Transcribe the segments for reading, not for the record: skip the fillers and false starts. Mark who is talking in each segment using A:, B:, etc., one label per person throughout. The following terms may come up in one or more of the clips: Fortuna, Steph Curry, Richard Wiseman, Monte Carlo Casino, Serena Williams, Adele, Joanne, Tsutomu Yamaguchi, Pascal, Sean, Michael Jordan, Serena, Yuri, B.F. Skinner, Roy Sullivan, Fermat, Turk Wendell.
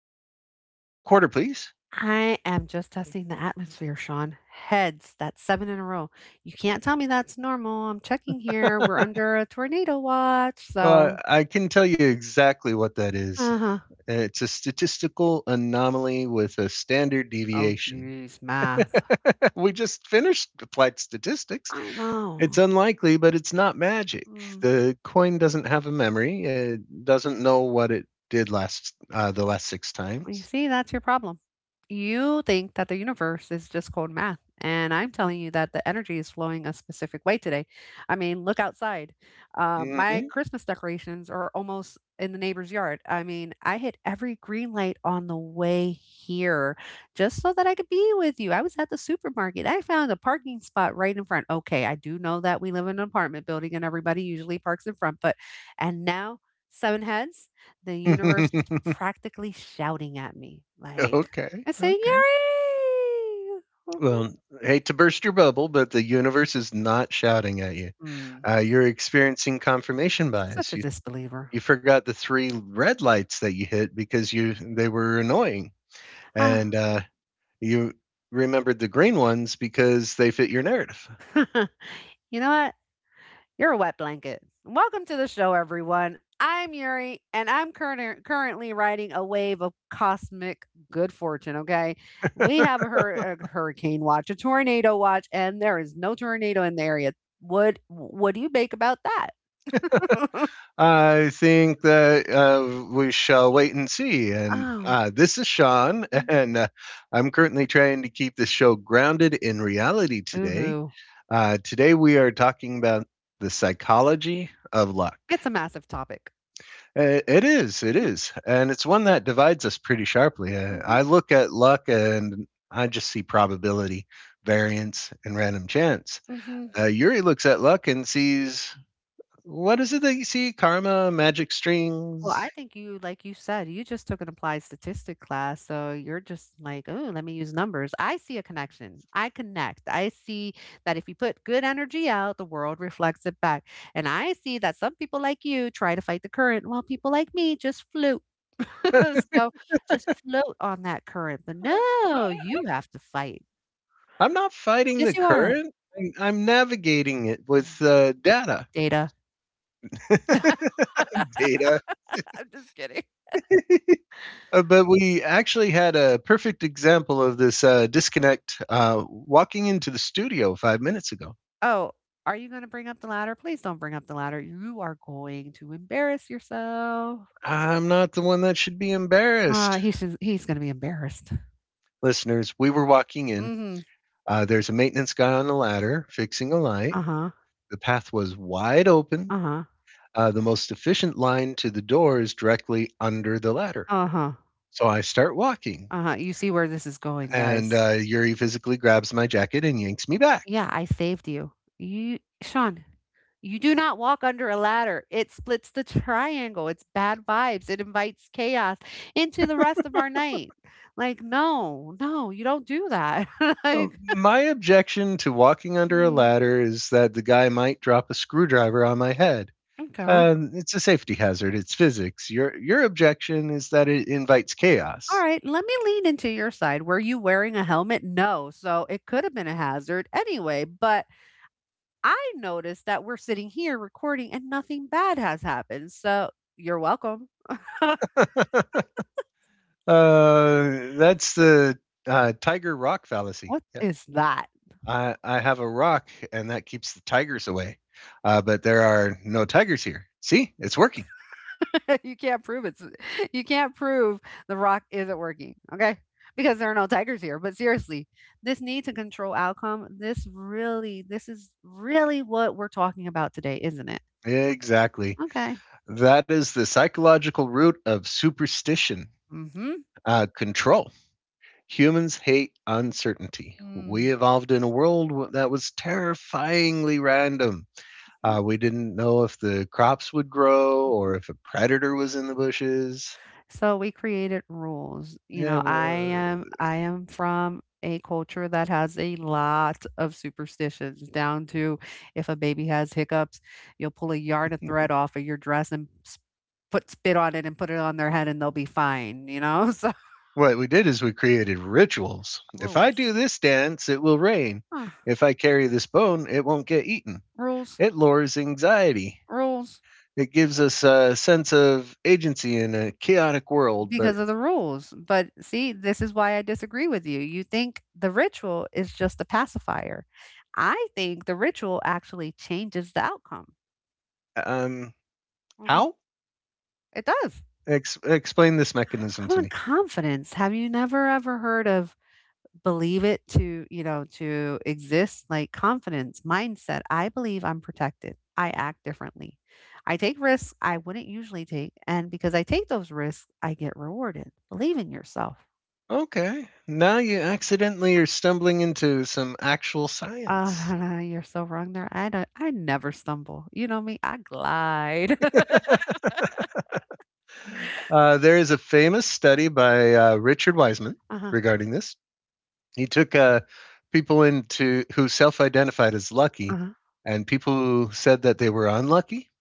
A: put down the quarter, please.
B: I am just testing the atmosphere, Sean. Heads, that's seven in a row. You can't tell me that's normal. I'm checking here. We're under a tornado watch, so.
A: I can tell you exactly what that is.
B: Uh huh.
A: It's a statistical anomaly with a standard
B: Oh,
A: deviation.
B: geez, math.
A: We just finished applied statistics.
B: I
A: It's
B: know.
A: unlikely, but it's not magic.
B: Mm.
A: The coin doesn't have a memory. It doesn't know what it did last the last six
B: Well,
A: times.
B: you see, that's your problem. You think that the universe is just cold math. And I'm telling you that the energy is flowing a specific way today. I mean, look outside. My
A: Hmm.
B: Christmas decorations are almost in the neighbor's yard. I mean, I hit every green light on the way here just so that I could be with you. I was at the supermarket. I found a parking spot right in front. Okay, I do know that we live in an apartment building and everybody usually parks in front, but and now, seven heads, the universe is practically shouting at me, like,
A: okay,
B: I say,
A: okay.
B: Yuri. Woohoo.
A: Well, hate to burst your bubble, but the universe is not shouting at you.
B: Mm,
A: You're experiencing confirmation bias.
B: such a
A: You
B: disbeliever.
A: you forgot the three red lights that you hit because you they were annoying,
B: Ah.
A: and you remembered the green ones because they fit your narrative.
B: You know what? You're a wet blanket. Welcome to the show, everyone. I'm Yuri, and I'm curner currently riding a wave of cosmic good fortune, okay? We have a hurricane watch, a tornado watch, and there is no tornado in the area. What do you make about that?
A: I think that we shall wait and see. And
B: Oh,
A: uh, this is Sean, and I'm currently trying to keep the show grounded in reality today.
B: ooh.
A: Today we are talking about the psychology of luck.
B: It's a massive topic.
A: It
B: Mhm,
A: is, and it's one that divides us pretty sharply.
B: mhm,
A: I look at luck and I just see probability, variance, and random chance.
B: mhm.
A: Yuri looks at luck and sees what is it that you see? Karma, magic
B: Well,
A: strings.
B: I think you like you said, you just took an applied statistic class, so you're just like, "Oh, let me use numbers." I see a connection. I connect. I see that if you put good energy out, the world reflects it back. And I see that some people like you try to fight the current, while people like me just float. So, just float on that current, but no, you have to fight.
A: I'm not fighting
B: Yes,
A: the
B: you are,
A: current. I'm navigating it with data.
B: data.
A: data.
B: I'm just kidding.
A: But we actually had a perfect example of this disconnect walking into the studio 5 minutes ago.
B: Oh, are you gonna bring up the ladder? Please don't bring up the ladder. You are going to embarrass yourself.
A: I'm not the one that should be
B: Ah,
A: embarrassed.
B: he's gonna be embarrassed.
A: Listeners, we were walking in.
B: Mhm.
A: There's a maintenance guy on a ladder fixing a light.
B: Uh-huh,
A: The path was wide open.
B: uh-huh,
A: The most efficient line to the door is directly under the ladder.
B: uh-huh,
A: So I start walking,
B: uh-huh. You see where this is going,
A: and
B: guys.
A: uh, Yuri physically grabs my jacket and yanks me back.
B: Yeah, I saved you. Sean, you do not walk under a ladder. It splits the triangle. It's bad vibes. It invites chaos into the rest of our night. Like, no, no, you don't do that.
A: Oh,
B: Like
A: my objection to walking under a
B: Mm,
A: ladder is that the guy might drop a screwdriver on my head.
B: okay.
A: It's a safety hazard. It's physics. Your objection is that it invites
B: All
A: chaos.
B: right, let me lean into your side. Were you wearing a helmet? No. So it could have been a hazard anyway. But I noticed that we're sitting here recording and nothing bad has happened. So you're welcome.
A: uh, that's the tiger rock fallacy.
B: What
A: Yeah.
B: is that?
A: I have a rock, and that keeps the tigers away. But there are no tigers here. See, it's working.
B: you can't prove it's you can't prove the rock isn't working. Okay. Because there are no tigers here. But seriously, this need to control outcome, this is really what we're talking about today, isn't it?
A: Exactly.
B: Okay.
A: That is the psychological root of superstition,
B: Mm-hmm.
A: control. Humans hate uncertainty. We evolved in a world that was terrifyingly random.
B: Mm-hmm.
A: We didn't know if the crops would grow or if a predator was in the bushes.
B: So we created rules. You
A: Yeah,
B: know, I am I am from a culture that has a lot of superstitions down to if a baby has hiccups, you'll pull a yard of thread off of your dress and put spit on it and put it on their head and they'll be fine, you know? So
A: what we did is we created rituals. If I
B: rules.
A: do this dance, it will rain.
B: Huh.
A: If I carry this bone, it won't get eaten.
B: Rules,
A: It lowers anxiety.
B: rules
A: It gives us a sense of agency in a chaotic world. But
B: because of the rules. But see, this is why I disagree with you. You think the ritual is just a pacifier. I think the ritual actually changes the outcome.
A: um, how?
B: It does.
A: Explain this mechanism
B: Come
A: to
B: on,
A: me.
B: confidence. Have you never ever heard of believe it to exist? Like confidence, mindset. I believe I'm protected. I act differently. I take risks I wouldn't usually take. And because I take those risks, I get rewarded. Believe in yourself.
A: Okay. Now you accidentally are stumbling into some actual
B: Oh,
A: science.
B: no, no, you're so wrong there. I never stumble. You know me, I glide.
A: There is a famous study by Richard Wiseman
B: Uh-huh.
A: regarding this. He took people into who self-identified as lucky,
B: Uh-huh.
A: and people who said that they were unlucky,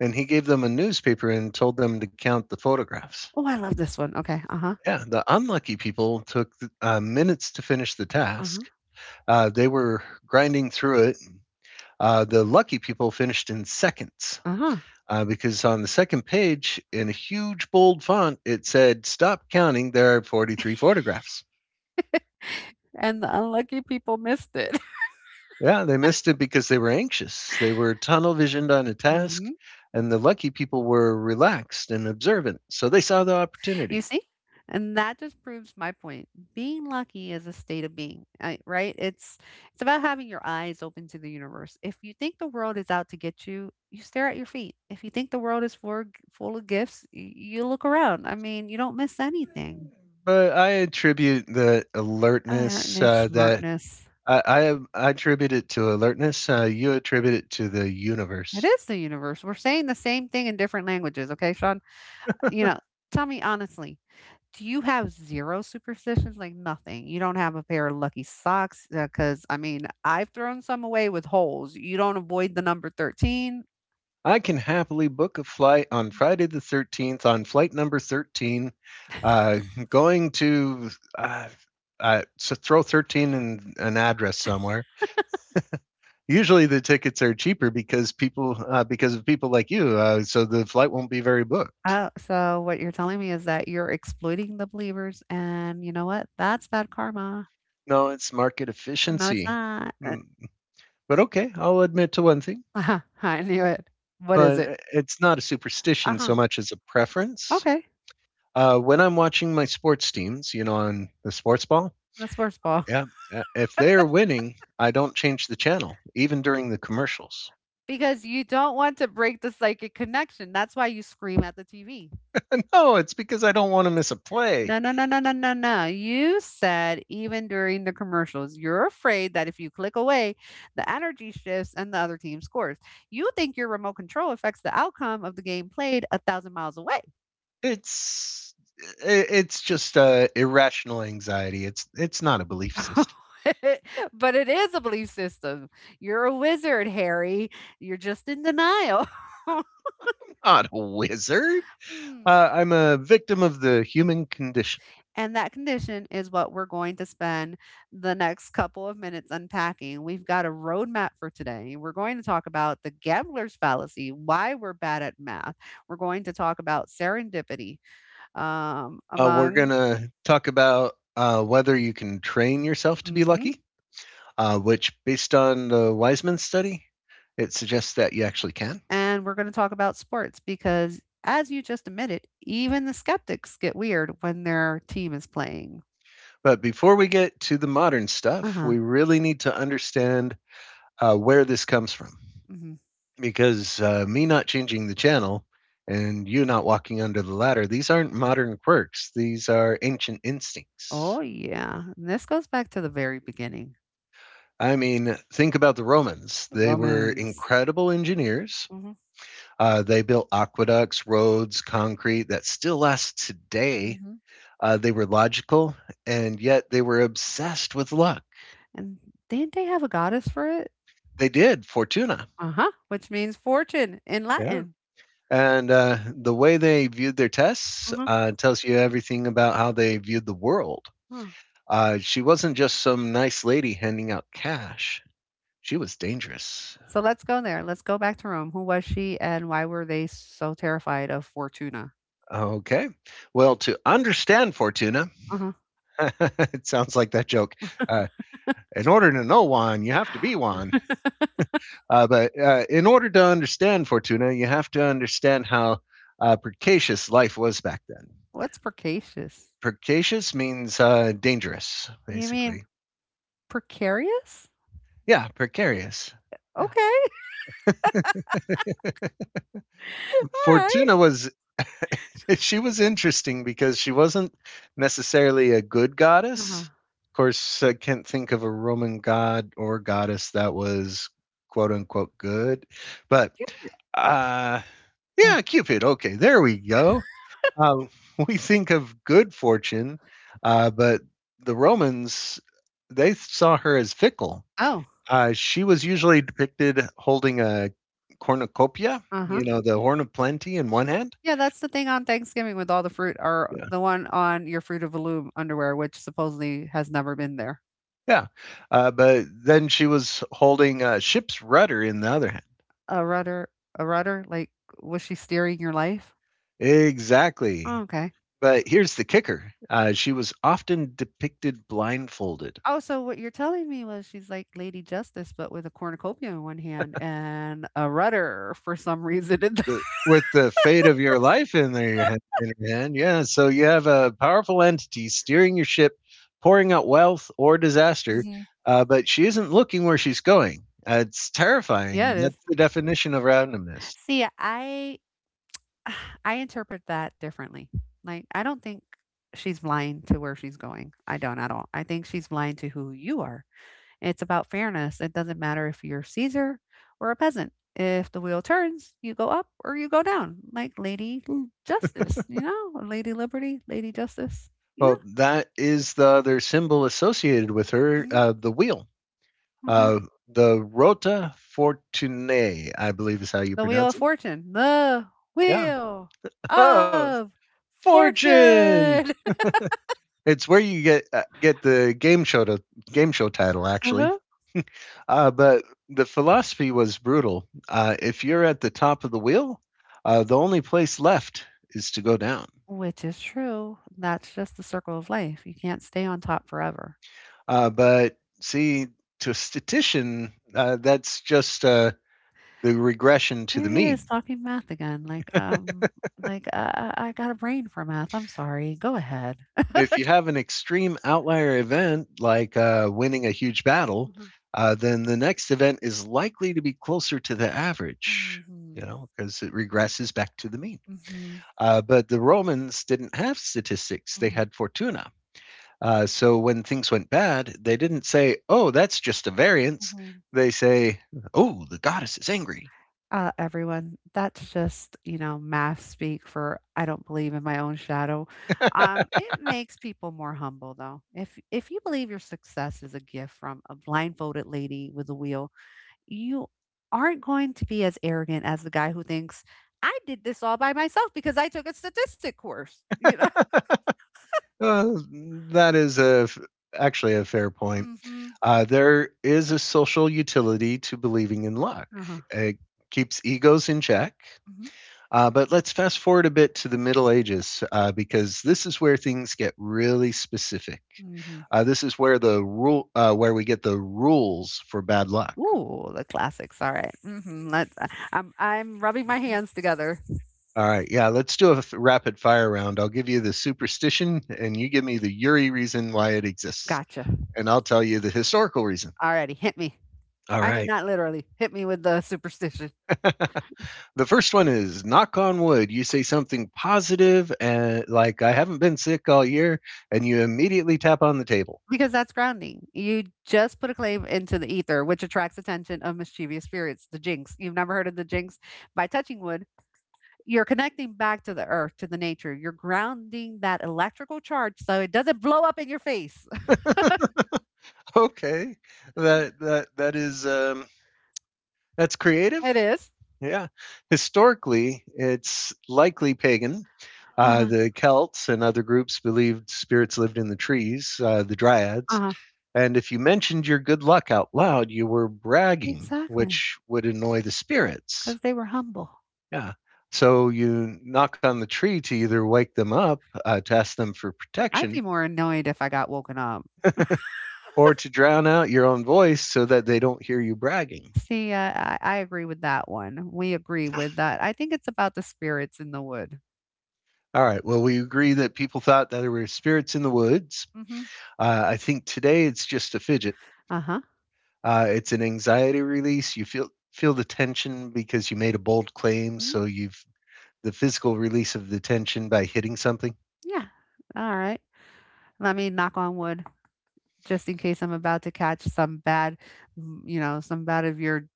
A: and he gave them a newspaper and told them to count the photographs.
B: Oh, I love this one. Okay. Uh-huh.
A: Yeah, the unlucky people took minutes to finish the
B: Uh-huh.
A: task. They were grinding through it. The lucky people finished in seconds,
B: Uh-huh.
A: because on the second page, in a huge bold font, it said, "Stop counting, there are 43 photographs."
B: And the unlucky people missed it.
A: Yeah, they missed it because they were anxious. They were tunnel visioned on a task,
B: Mhm.
A: and the lucky people were relaxed and observant, so they saw the
B: You
A: opportunity.
B: see? And that just proves my point. Being lucky is a state of being, right? It's about having your eyes open to the universe. If you think the world is out to get you, you stare at your feet. If you think the world is full of gifts, you look around. I mean, you don't miss anything.
A: But I attribute the alertness,
B: Alertness,
A: uh, that
B: smartness.
A: I, I I attribute it to alertness. You attribute it to the
B: It
A: universe.
B: is the universe. We're saying the same thing in different languages, okay, Sean? You know, tell me honestly, do you have 0 superstitions? Like, nothing? You don't have a pair of lucky socks? Because I mean, I've thrown some away with holes. You don't avoid the number 13.
A: I can happily book a flight on
B: Mm.
A: Friday the 13th on flight number 13, uh, going to uh, so throw 13 in an address somewhere. Usually the tickets are cheaper because people because of people like you, so the flight won't be very booked.
B: Oh, so what you're telling me is that you're exploiting the believers, and you know what? That's bad karma.
A: No, it's market
B: No, it's
A: efficiency.
B: not.
A: Mm. But okay, I'll admit to one thing,
B: Uh-huh, I knew it. What is it?
A: but it's not a superstition
B: Uh-huh.
A: so much as a preference.
B: Okay.
A: When I'm watching my sports teams, you know, on the sports ball,
B: The sports ball.
A: yeah, if they're winning, I don't change the channel, even during the commercials.
B: Because you don't want to break the psychic connection. That's why you scream at the TV.
A: No, it's because I don't want to miss a play.
B: No, no, no, no, no, no, no. You said even during the commercials, you're afraid that if you click away, the energy shifts and the other team scores. You think your remote control affects the outcome of the game played 1,000 miles away.
A: It's it's just irrational anxiety. It's not a belief system.
B: But it is a belief system. You're a wizard, Harry. You're just in denial.
A: Not a wizard.
B: Hmm.
A: I'm a victim of the human condition.
B: And that condition is what we're going to spend the next couple of minutes unpacking. We've got a roadmap for today. We're going to talk about the gambler's fallacy, why we're bad at math. We're going to talk about serendipity,
A: We're
B: among,
A: gonna talk about whether you can train yourself to be
B: hmm
A: lucky, which, based on the Wiseman study, it suggests that you actually can.
B: and we're going to talk about sports because, as you just admitted, even the skeptics get weird when their team is playing.
A: But before we get to the modern
B: Uh
A: stuff,
B: huh.
A: we really need to understand where this comes from.
B: Hmm.
A: Because me not changing the channel and you not walking under the ladder, these aren't modern quirks. These are ancient
B: Oh,
A: instincts.
B: yeah. And this goes back to the very beginning
A: I mean, think about the Romans.
B: the
A: They were
B: Romans.
A: incredible engineers.
B: Hmm.
A: They built aqueducts, roads, concrete that still lasts today. They were logical, and yet they were obsessed with luck.
B: And didn't they have a goddess for it?
A: They did Fortuna.
B: Uh-huh. Which means fortune in
A: Yeah.
B: Latin.
A: And the way they viewed their tests
B: Mhm.
A: tells you everything about how they viewed the world.
B: Huh.
A: She wasn't just some nice lady handing out cash, she was dangerous.
B: So let's go there. Let's go back to Rome. Who was she and why were they so terrified of Fortuna?
A: Okay. Well, to understand Fortuna,
B: Uh-huh.
A: it sounds like that joke. Uh, in order to know one, you have to be one. But in order to understand Fortuna, you have to understand how precocious life was back then.
B: What's precocious?
A: Precarious means dangerous,
B: You mean
A: basically.
B: precarious?
A: Yeah, precarious. Yeah.
B: Okay. All
A: Fortuna
B: right.
A: was she was interesting because she wasn't necessarily a good
B: Uh-huh.
A: goddess. Of course, I can't think of a Roman god or goddess that was quote unquote good. But
B: Cute.
A: uh yeah, Cupid. Okay, there we go. Um, we think of good fortune, but the Romans they saw her as fickle.
B: Oh,
A: She was usually depicted holding a cornucopia,
B: uh-huh.
A: you know, the horn of plenty in one hand.
B: Yeah, that's the thing on Thanksgiving with all the fruit, or
A: Yeah,
B: the one on your fruit of the loom underwear, which supposedly has never been there.
A: yeah. But then she was holding a ship's rudder in the other hand.
B: A rudder, a rudder? Like, was she steering your life? Oh,
A: Exactly.
B: okay.
A: But here's the kicker: she was often depicted blindfolded.
B: Oh, so what you're telling me was she's like Lady Justice, but with a cornucopia in one hand and a rudder for some reason. In the-
A: With the fate of your life in their hand, in your hand. Yeah. So you have a powerful entity steering your ship, pouring out wealth or disaster,
B: Mhm.
A: but she isn't looking where she's going. It's
B: Yeah,
A: terrifying.
B: it is.
A: That's the definition of randomness.
B: See, I I interpret that differently. Like, I don't think she's blind to where she's going. I don't at all. I think she's blind to who you are. It's about fairness. It doesn't matter if you're Caesar or a peasant. If the wheel turns, you go up or you go down, like Lady Justice, you know, Lady Liberty, Lady Justice. Yeah.
A: Well, that is the other symbol associated with her,
B: Mhm,
A: the wheel.
B: mhm.
A: Uh, the Rota Fortunae, I believe is how you
B: The Wheel
A: pronounce
B: of
A: it.
B: Fortune. The
A: Yeah.
B: Wheel
A: Oh,
B: of
A: Fortune!
B: Fortune.
A: It's where you get the game show title actually.
B: Uh-huh.
A: But the philosophy was brutal. If you're at the top of the wheel, the only place left is to go down.
B: Which is true. That's just the circle of life. You can't stay on top forever.
A: But see, to a statistician, that's just the regression to
B: Here
A: the
B: he is
A: mean.
B: talking math again. Like I got a brain for math. I'm sorry. Go ahead.
A: If you have an extreme outlier event like winning a huge battle,
B: Mhm.
A: then the next event is likely to be closer to the average, you
B: Mhm,
A: know, because it regresses back to the mean.
B: mhm,
A: But the Romans didn't have statistics, they
B: mhm,
A: had Fortuna. So when things went bad, they didn't say, "Oh, that's just a variance."
B: mhm.
A: They say, "Oh, the goddess is angry."
B: Everyone, that's just, you know, math speak for I don't believe in my own shadow. It makes people more humble though. If you believe your success is a gift from a blindfolded lady with a wheel, you aren't going to be as arrogant as the guy who thinks I did this all by myself because I took a statistic course, you know?
A: Uh, that is a actually a fair point.
B: Mm-hmm.
A: There is a social utility to believing in luck.
B: Uh-huh.
A: It keeps egos in check.
B: Mm-hmm.
A: But let's fast forward a bit to the Middle Ages, because this is where things get really specific.
B: Mm-hmm.
A: This is where the rule where we get the rules for bad luck.
B: Ooh, the classics. All right. Mm-hmm. I'm rubbing my hands together.
A: All right, yeah, let's do a rapid fire round. I'll give you the superstition, and you give me the Yuri reason why it exists,
B: Gotcha.
A: and I'll tell you the historical reason.
B: Alrighty, hit me.
A: All
B: I mean,
A: right.
B: not literally, hit me with the superstition
A: The first one is knock on wood. You say something positive, and like, "I haven't been sick all year," and you immediately tap on the table.
B: because that's grounding. You just put a claim into the ether, which attracts attention of mischievous spirits, the jinx. You've never heard of the jinx? By touching wood, you're connecting back to the earth, to the nature. You're grounding that electrical charge so it doesn't blow up in your face.
A: Okay. That is, that's creative.
B: It is.
A: Yeah. Historically, it's likely pagan.
B: Uh-huh.
A: The Celts and other groups believed spirits lived in the trees, the dryads.
B: Uh-huh.
A: And if you mentioned your good luck out loud, you were bragging,
B: Exactly.
A: which would annoy the spirits.
B: Because they were humble.
A: Yeah. So you knock on the tree to either wake them up, to ask them for
B: I'd be
A: protection,
B: more annoyed if I got woken up.
A: or to drown out your own voice so that they don't hear you bragging.
B: See, I agree with that one. We agree with that. I think it's about the spirits in the wood.
A: All right. Well, we agree that people thought that there were spirits in the woods.
B: Mm-hmm.
A: I think today it's just a fidget.
B: Uh huh.
A: It's an anxiety release. You feel the tension because you made a bold claim,
B: Mm,
A: so you've the physical release of the tension by hitting something.
B: yeah. Alright. Let me knock on wood just in case I'm about to catch some bad, some bad of your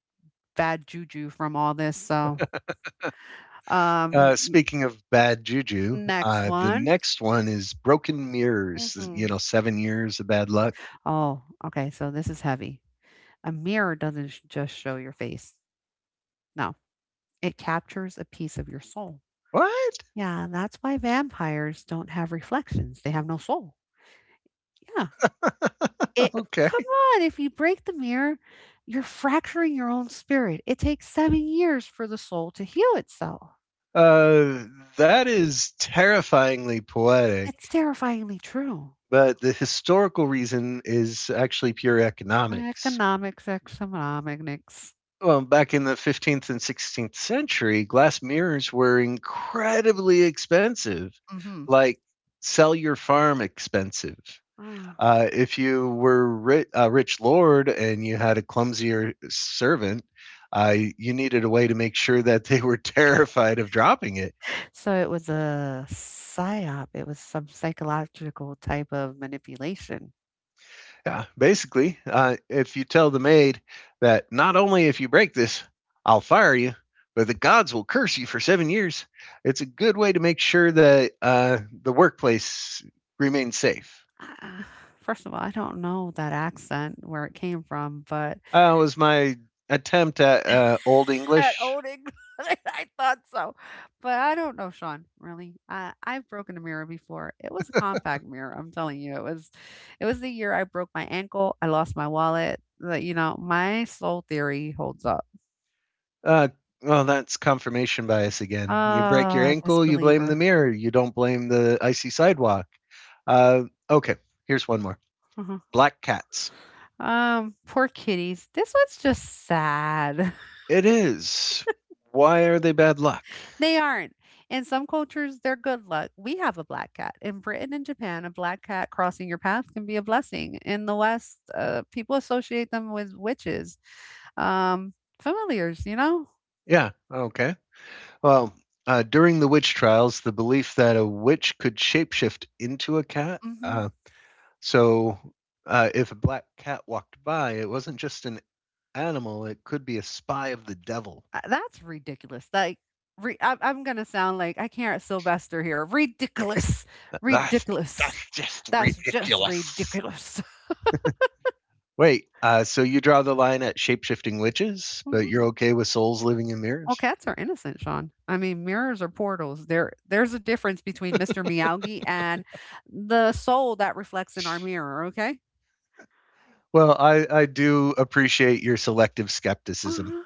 B: bad juju from all this, so, Mhm.
A: Speaking of bad juju,
B: n next
A: the
B: one.
A: next one is broken mirrors. You
B: Mhm.
A: know, 7 years of bad luck.
B: Oh, okay, so this is heavy. A mirror doesn't sh just show your face. No, it captures a piece of your soul.
A: What?
B: Yeah, that's why vampires don't have reflections, they have no soul. Yeah. It Come
A: Okay.
B: on, if you break the mirror, you're fracturing your own spirit. It takes 7 years for the soul to heal itself.
A: Uh, that is terrifyingly poetic.
B: It's terrifyingly true.
A: But the historical reason is actually pure economics.
B: Economics, economics.
A: Well, back in the 15th and 16th century, glass mirrors were incredibly expensive,
B: Hmm.
A: like sell your farm expensive.
B: Ah.
A: If you were a rich lord and you had a clumsier servant, you needed a way to make sure that they were terrified of dropping it.
B: So it was a psyop. It was some psychological type of manipulation.
A: Yeah, basically, if you tell the maid that not only if you break this, I'll fire you, but the gods will curse you for 7 years, it's a good way to make sure that the workplace remains safe.
B: Ah, first of all, I don't know that accent where it came from, but
A: Was my attempt at Old
B: at
A: English.
B: Old England. I thought so, but I don't know, Sean, really. I've broken a mirror before. It was a compact mirror, I'm telling you. It was the year I broke my ankle, I lost my wallet, my soul theory holds up.
A: Uh, well, that's confirmation bias again. You break your
B: Ah, oh,
A: ankle, you blame the
B: disbeliever.
A: mirror, you don't blame the icy sidewalk. Uh, okay, here's one more.
B: Mhm.
A: Black cats.
B: Poor kitties. This one's just sad.
A: It is. Why are they bad luck?
B: They aren't. In some cultures, they're good luck. We have a black cat. In Britain and Japan, a black cat crossing your path can be a blessing. In the West, people associate them with witches, um, familiars, you know?
A: Yeah, okay. Well, during the witch trials, the belief that a witch could shapeshift into a cat.
B: Hmm.
A: So if a black cat walked by, it wasn't just an animal, it could be a spy of the devil.
B: That's ridiculous. Like, I'm going to sound like I can't Sylvester here. Ridiculous.
A: That's
B: Ridiculous.
A: that's just
B: That's just
A: ridiculous.
B: ridiculous.
A: Wait, so you draw the line at shapeshifting witches, but you're okay with souls living in
B: Well,
A: mirrors?
B: cats are innocent, Sean. I mean, mirrors are portals. There's a difference between Mr. Miyagi and the soul that reflects in our mirror. Okay.
A: Well, I do appreciate your selective skepticism.
B: Uh-huh.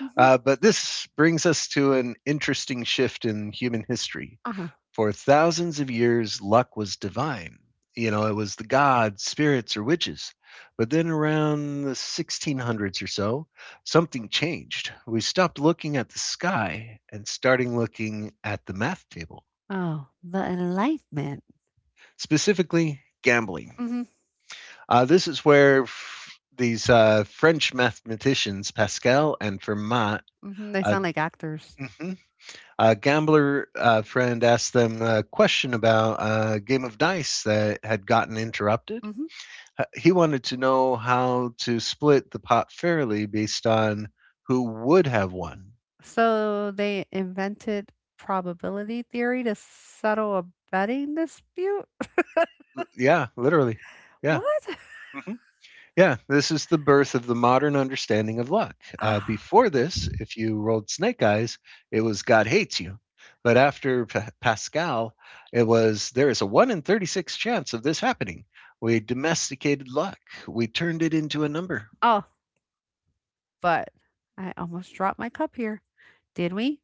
B: Hmm.
A: But this brings us to an interesting shift in human history.
B: Uh-huh.
A: For thousands of years, luck was divine. You know, it was the gods, spirits, or witches. But then around the 1600s or so, something changed. We stopped looking at the sky and starting looking at the math table,
B: Oh, the enlightenment.
A: specifically gambling.
B: Hmm.
A: This is where these French mathematicians, Pascal and Fermat,
B: Hmm. They
A: uh,
B: sound like actors.
A: mhm, a gambler friend asked them a question about a game of dice that had gotten interrupted.
B: Hmm.
A: He wanted to know how to split the pot fairly based on who would have won.
B: So they invented probability theory to settle a betting dispute.
A: Yeah, literally. Yeah.
B: What?
A: Mhm. Yeah, this is the birth of the modern understanding of luck.
B: Ah.
A: Before this, if you rolled snake eyes, it was God hates you. But after Pascal, it was there is a 1 in 36 chance of this happening. We domesticated luck, we turned it into a number.
B: Oh, but I almost dropped my cup here. Did we?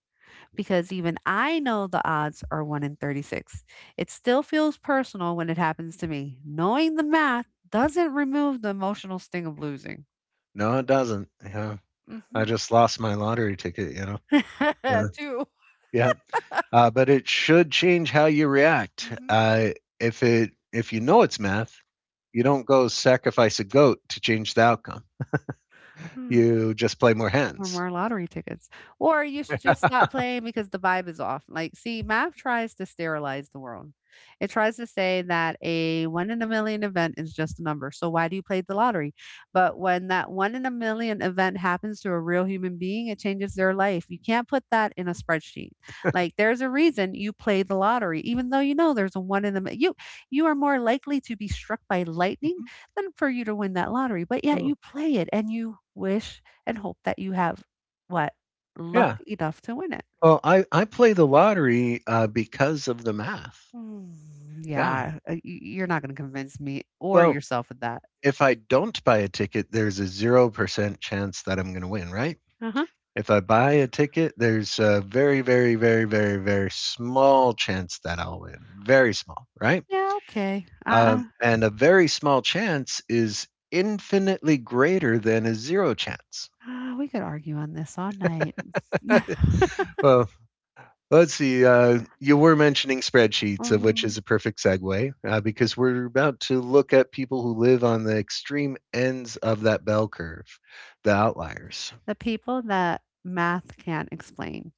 B: Because even I know the odds are 1 in 36. It still feels personal when it happens to me. Knowing the math doesn't remove the emotional sting of losing.
A: No, it doesn't. You know, I
B: Mhm.
A: just lost my lottery ticket. Uh,
B: True.
A: yeah, but it should change how you react.
B: Mhm.
A: If you know it's math, you don't go sacrifice a goat to change the outcome. You just play more
B: Or
A: hands.
B: more lottery tickets. Or you should just stop playing because the vibe is off. Like, see, math tries to sterilize the world. It tries to say that a one in a million event is just a number. So why do you play the lottery? But when that one in a million event happens to a real human being, it changes their life. You can't put that in a spreadsheet. Like, there's a reason you play the lottery, even though you know there's a one in a mi- you are more likely to be struck by lightning
A: Mhm.
B: than for you to win that lottery. But yet
A: Oh,
B: you play it and you wish and hope that you have what? Luck
A: yeah.
B: enough to win it.
A: Well, I play the lottery, because of the math.
B: Mm,
A: Yeah.
B: yeah, you're not going to convince me or
A: Well,
B: yourself with that.
A: if I don't buy a ticket, there's a 0% chance that I'm gonna win, right?
B: Uh-huh.
A: If I buy a ticket, there's a very, very, very, very, very small chance that I'll win. Very small, right?
B: Yeah, okay.
A: And a very small chance is infinitely greater than a 0 chance.
B: We could argue on this all night.
A: Well, let's see. You were mentioning spreadsheets, of which is a
B: Mhm.
A: perfect segue because we're about to look at people who live on the extreme ends of that bell curve, the outliers.
B: The people that math can't explain.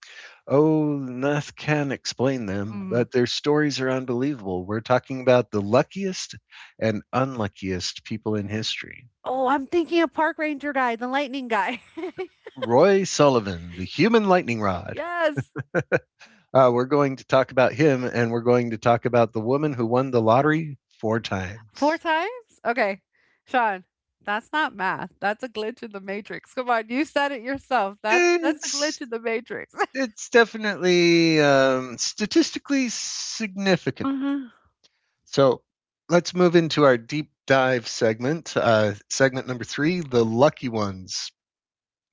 A: Oh, Nath can explain them,
B: Mhm.
A: but their stories are unbelievable. We're talking about the luckiest and unluckiest people in history.
B: Oh, I'm thinking of park ranger guy, the lightning guy.
A: Roy Sullivan, the human lightning rod.
B: Yes.
A: We're going to talk about him, and we're going to talk about the woman who won the lottery four
B: 4
A: times.
B: times? Okay. Sean, that's not math. That's a glitch in the matrix. Come on, you said it yourself. That's a
A: It's
B: glitch in the matrix.
A: it's definitely statistically significant.
B: Uh-huh.
A: So let's move into our deep dive segment. Segment number three: the lucky ones.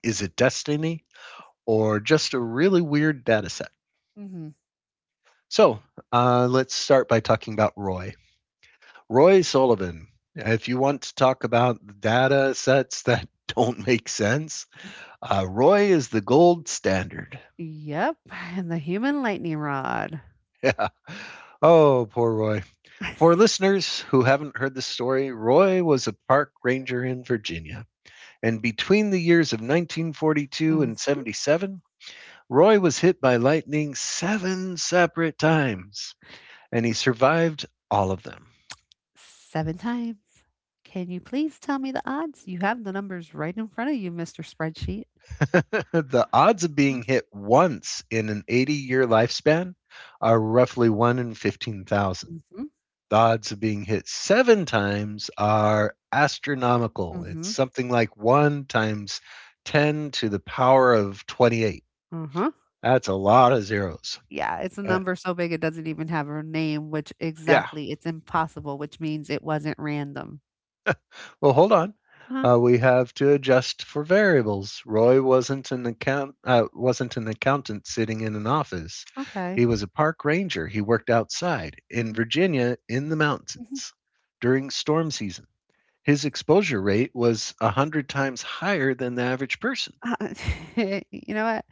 A: Is it destiny or just a really weird data set?
B: Mhm.
A: So let's start by talking about Roy. Roy Sullivan. If you want to talk about data sets that don't make sense, Roy is the gold standard.
B: Yep, and the human lightning rod.
A: Yeah. Oh, poor Roy. For listeners who haven't heard the story, Roy was a park ranger in Virginia. And between the years of 1942
B: Mm.
A: and 77, Roy was hit by lightning seven separate times, and he survived all of them.
B: 7 times. Can you please tell me the odds? You have the numbers right in front of you, Mr. Spreadsheet.
A: The odds of being
B: Mm,
A: hit once in an 80-year lifespan are roughly 1 in 15,000.
B: mhm,
A: The odds of being hit seven times are astronomical. It's
B: mhm,
A: something like one times 10 to the power of 28.
B: uh-huh.
A: That's a lot of zeros.
B: Yeah, it's a
A: Uh,
B: number so big it doesn't even have a name, which
A: yeah.
B: exactly it's impossible, which means it wasn't random.
A: Well, hold on.
B: Huh,
A: We have to adjust for variables. Roy wasn't an account wasn't an accountant sitting in an office.
B: okay.
A: He was a park ranger. He worked outside in
B: Mm.
A: Virginia in the mountains during storm season. His exposure rate was a hundred times higher than the average person.
B: Uh, you know what?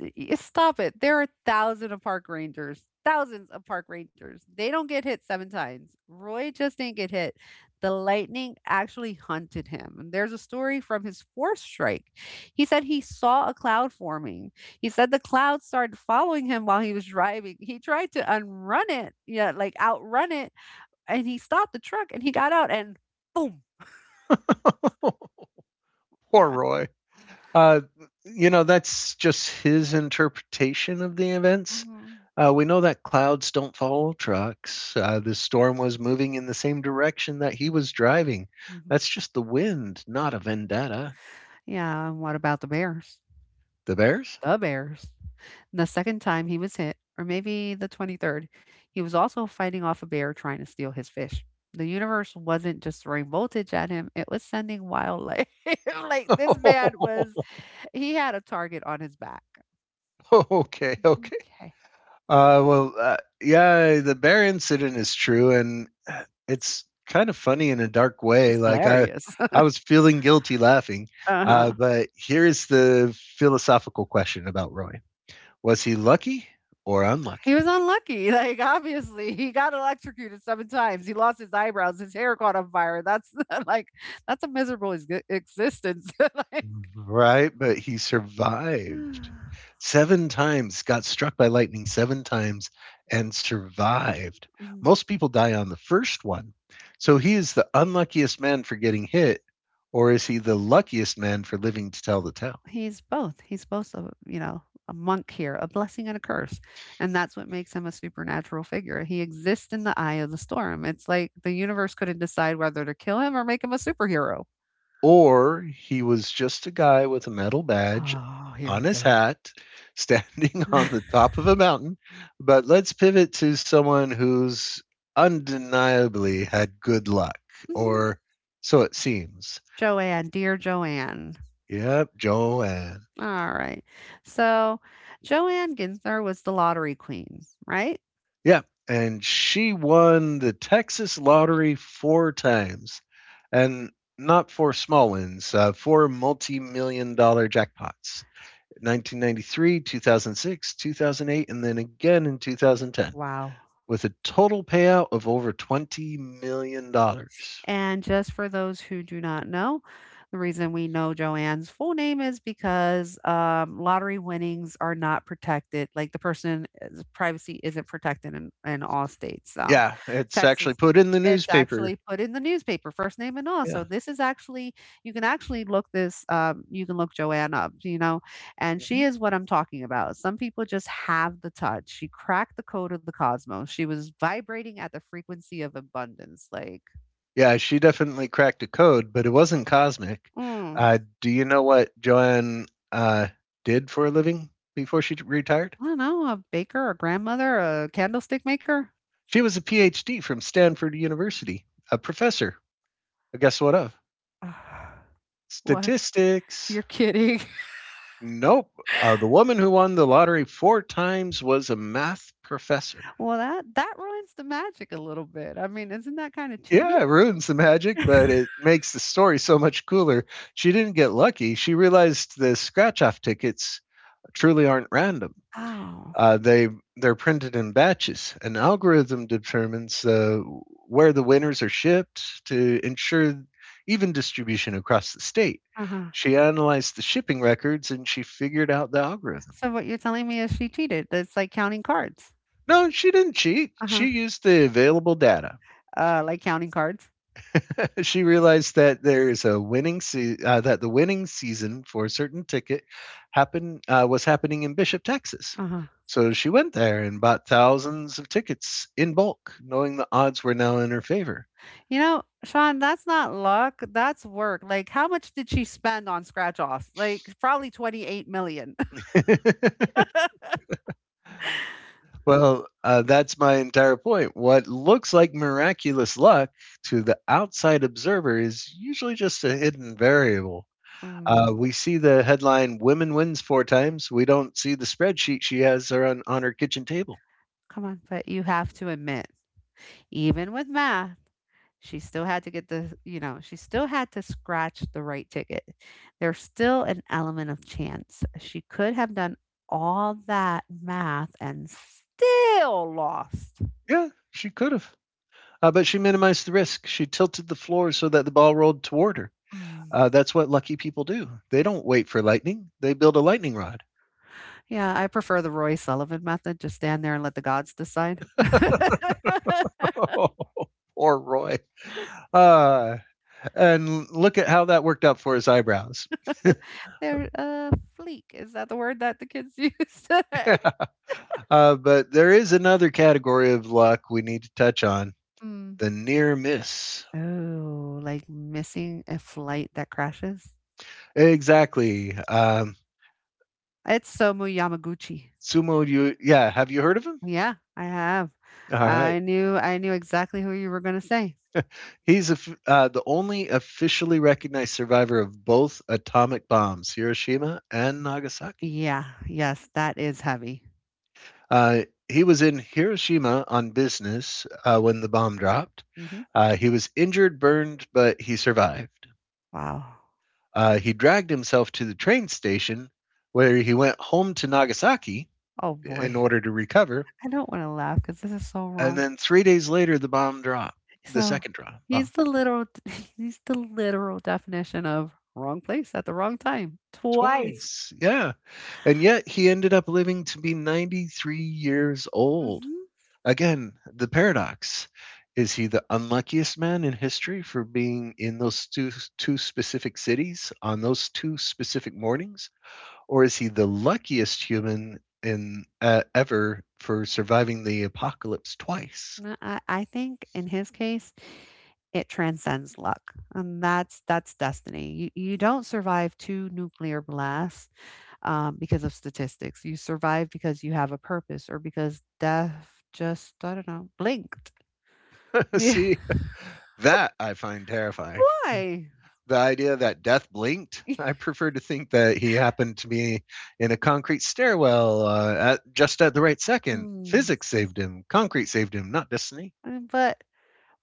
B: Stop it. There are thousands of park rangers. Thousands of park rangers. They don't get hit seven times. Roy just didn't get hit. The lightning actually hunted him. And there's a story from his fourth strike. He said he saw a cloud forming. He said the cloud started following him while he was driving. He tried to unrun it, yeah, like outrun it. And he stopped the truck and he got out and boom.
A: Poor
B: Yeah.
A: Roy. Uh, you know, that's just his interpretation of the events.
B: Hmm.
A: We know that clouds don't follow trucks. The storm was moving in the same direction that he was driving. That's just the wind, not a vendetta.
B: Yeah, and what about the Bears?
A: The Bears?
B: The Bears. The second time he was hit, or maybe the 23rd, he was also fighting off a bear trying to steal his fish. The universe wasn't just throwing voltage at him, it was sending wildlife. Like, this man was, he had a target on his back.
A: Okay, okay.
B: Okay.
A: Well, yeah, the bear incident is true, and it's kind of funny in a dark way.
B: It's
A: Like I,
B: hilarious.
A: I was feeling guilty laughing.
B: uh-huh.
A: But here is the philosophical question about Roy: was he lucky or
B: He was
A: unlucky?
B: unlucky. Like, obviously, he got electrocuted seven times. He lost his eyebrows. His hair caught on fire. That's like, that's a miserable existence.
A: Right, but he
B: like,
A: survived 7 times, got struck by lightning 7 times and survived.
B: mm.
A: Most people die on the first one. So he is the unluckiest man for getting hit, or is he the luckiest man for living to tell the tale?
B: He's both. He's both a, you know, a monk here, a blessing and a curse. And that's what makes him a supernatural figure. He exists in the eye of the storm. It's like the universe couldn't decide whether to kill him or make him a superhero.
A: Or he was just a guy with a metal badge
B: Oh, here
A: on
B: we
A: his
B: go.
A: hat standing on the top of a mountain. But let's pivot to someone who's undeniably had good luck,
B: Mhm.
A: or so it seems.
B: Joanne, dear Joanne.
A: Yep, Joanne.
B: All right. So Joanne Ginther was the lottery queen, right?
A: Yep. And she won the Texas lottery four times, and not four small wins, four multi million dollar jackpots. 1993, 2006, 2008, and then again in 2010,
B: Wow.
A: with a total payout of over $20 million. Dollars.
B: And just for those who do not know, the reason we know Joanne's full name is because, lottery winnings are not protected, like, the person's privacy isn't protected in all states, so, yeah.
A: Yeah, it's actually
B: Texas,
A: put in the
B: it's actually
A: newspaper.
B: put in the newspaper, first name and all, so
A: Yeah.
B: this is actually you can look Joanne up, you know, and she
A: Mhm.
B: is what I'm talking about. Some people just have the touch. She cracked the code of the cosmos. She was vibrating at the frequency of abundance, like,
A: Yeah, she definitely cracked a code, but it wasn't cosmic.
B: mm.
A: Do you know what Joanne uh, did for a living before she retired?
B: I don't know, a baker, a grandmother, a candlestick maker?
A: She was a PhD from Stanford University, a professor. Guess what of?
B: Ah, what?
A: Statistics.
B: You're kidding.
A: Nope. The woman who won the lottery four times was a math professor.
B: Well, that ruins the magic a little bit. I mean, isn't that kinda
A: Yeah,
B: cheating?
A: it ruins the magic, but it makes the story so much cooler. She didn't get lucky. She realized the scratch off tickets truly aren't random.
B: Oh.
A: Uh, they they're printed in batches. An algorithm determines where the winners are shipped to ensure even distribution across the state.
B: Uh-huh.
A: She analyzed the shipping records and she figured out the algorithm.
B: So what you're telling me is she cheated. That's like counting cards.
A: No, she didn't cheat.
B: Uh-huh.
A: She used the available data.
B: Like counting cards.
A: She realized that the winning season for a certain ticket happened was happening in Bishop, Texas.
B: Uh-huh.
A: So she went there and bought thousands of tickets in bulk, knowing the odds were now in her favor.
B: You know, Sean, that's not luck, that's work. Like, how much did she spend on scratch offs? Like, probably 28 million.
A: Well, that's my entire point. What looks like miraculous luck to the outside observer is usually just a hidden variable.
B: Mm.
A: We see the headline "Women wins four times." We don't see the spreadsheet she has on her kitchen table.
B: Come on, but you have to admit, even with math, she still had to get the, she still had to scratch the right ticket. There's still an element of chance. She could have done all that math and still lost.
A: Yeah, she could have, but she minimized the risk. She tilted the floor so that the ball rolled toward her.
B: Mm.
A: That's what lucky people do. They don't wait for lightning. They build a lightning rod.
B: Yeah, I prefer the Roy Sullivan method. Just stand there and let the gods decide.
A: Oh, poor Roy. Uh, and look at how that worked out for his eyebrows.
B: They're fleek. Is that the word that the kids use
A: Yeah.
B: today?
A: But there is another category of luck we need to touch on:
B: Mm.
A: the near miss.
B: Oh, like missing a flight that crashes?
A: Exactly.
B: It's Somu Yamaguchi.
A: Sumo, you, yeah, have you heard of him?
B: Yeah, I have.
A: All right,
B: I knew exactly who you were gonna say.
A: he's the only officially recognized survivor of both atomic bombs, Hiroshima and Nagasaki.
B: Yeah, yes, that is heavy.
A: Uh, he was in Hiroshima on business when the bomb dropped.
B: Hmm.
A: He was injured, burned, but he survived.
B: Wow.
A: He dragged himself to the train station where he went home to Nagasaki
B: Oh
A: in
B: boy.
A: order to recover.
B: I don't want to laugh because this is so
A: And
B: wrong.
A: then 3 days later, the bomb dropped, the
B: So
A: second drop, bomb.
B: he's the literal he's the literal definition of wrong place at the wrong time. Twice.
A: Twice, yeah, and yet he ended up living to be 93 years old.
B: Hmm.
A: Again, the paradox. Is he the unluckiest man in history for being in those 2 specific cities on those 2 specific mornings? Or is he the luckiest human in ever for surviving the apocalypse twice?
B: I think in his case, it transcends luck. And that's destiny. You don't survive two nuclear blasts because of statistics. You survive because you have a purpose or because death just, I don't know, blinked. Yeah.
A: See, that I find terrifying.
B: Why?
A: The idea that death blinked. I prefer to think that he happened to be in a concrete stairwell, at just at the right second.
B: Mm.
A: Physics saved him. Concrete saved him, not destiny.
B: But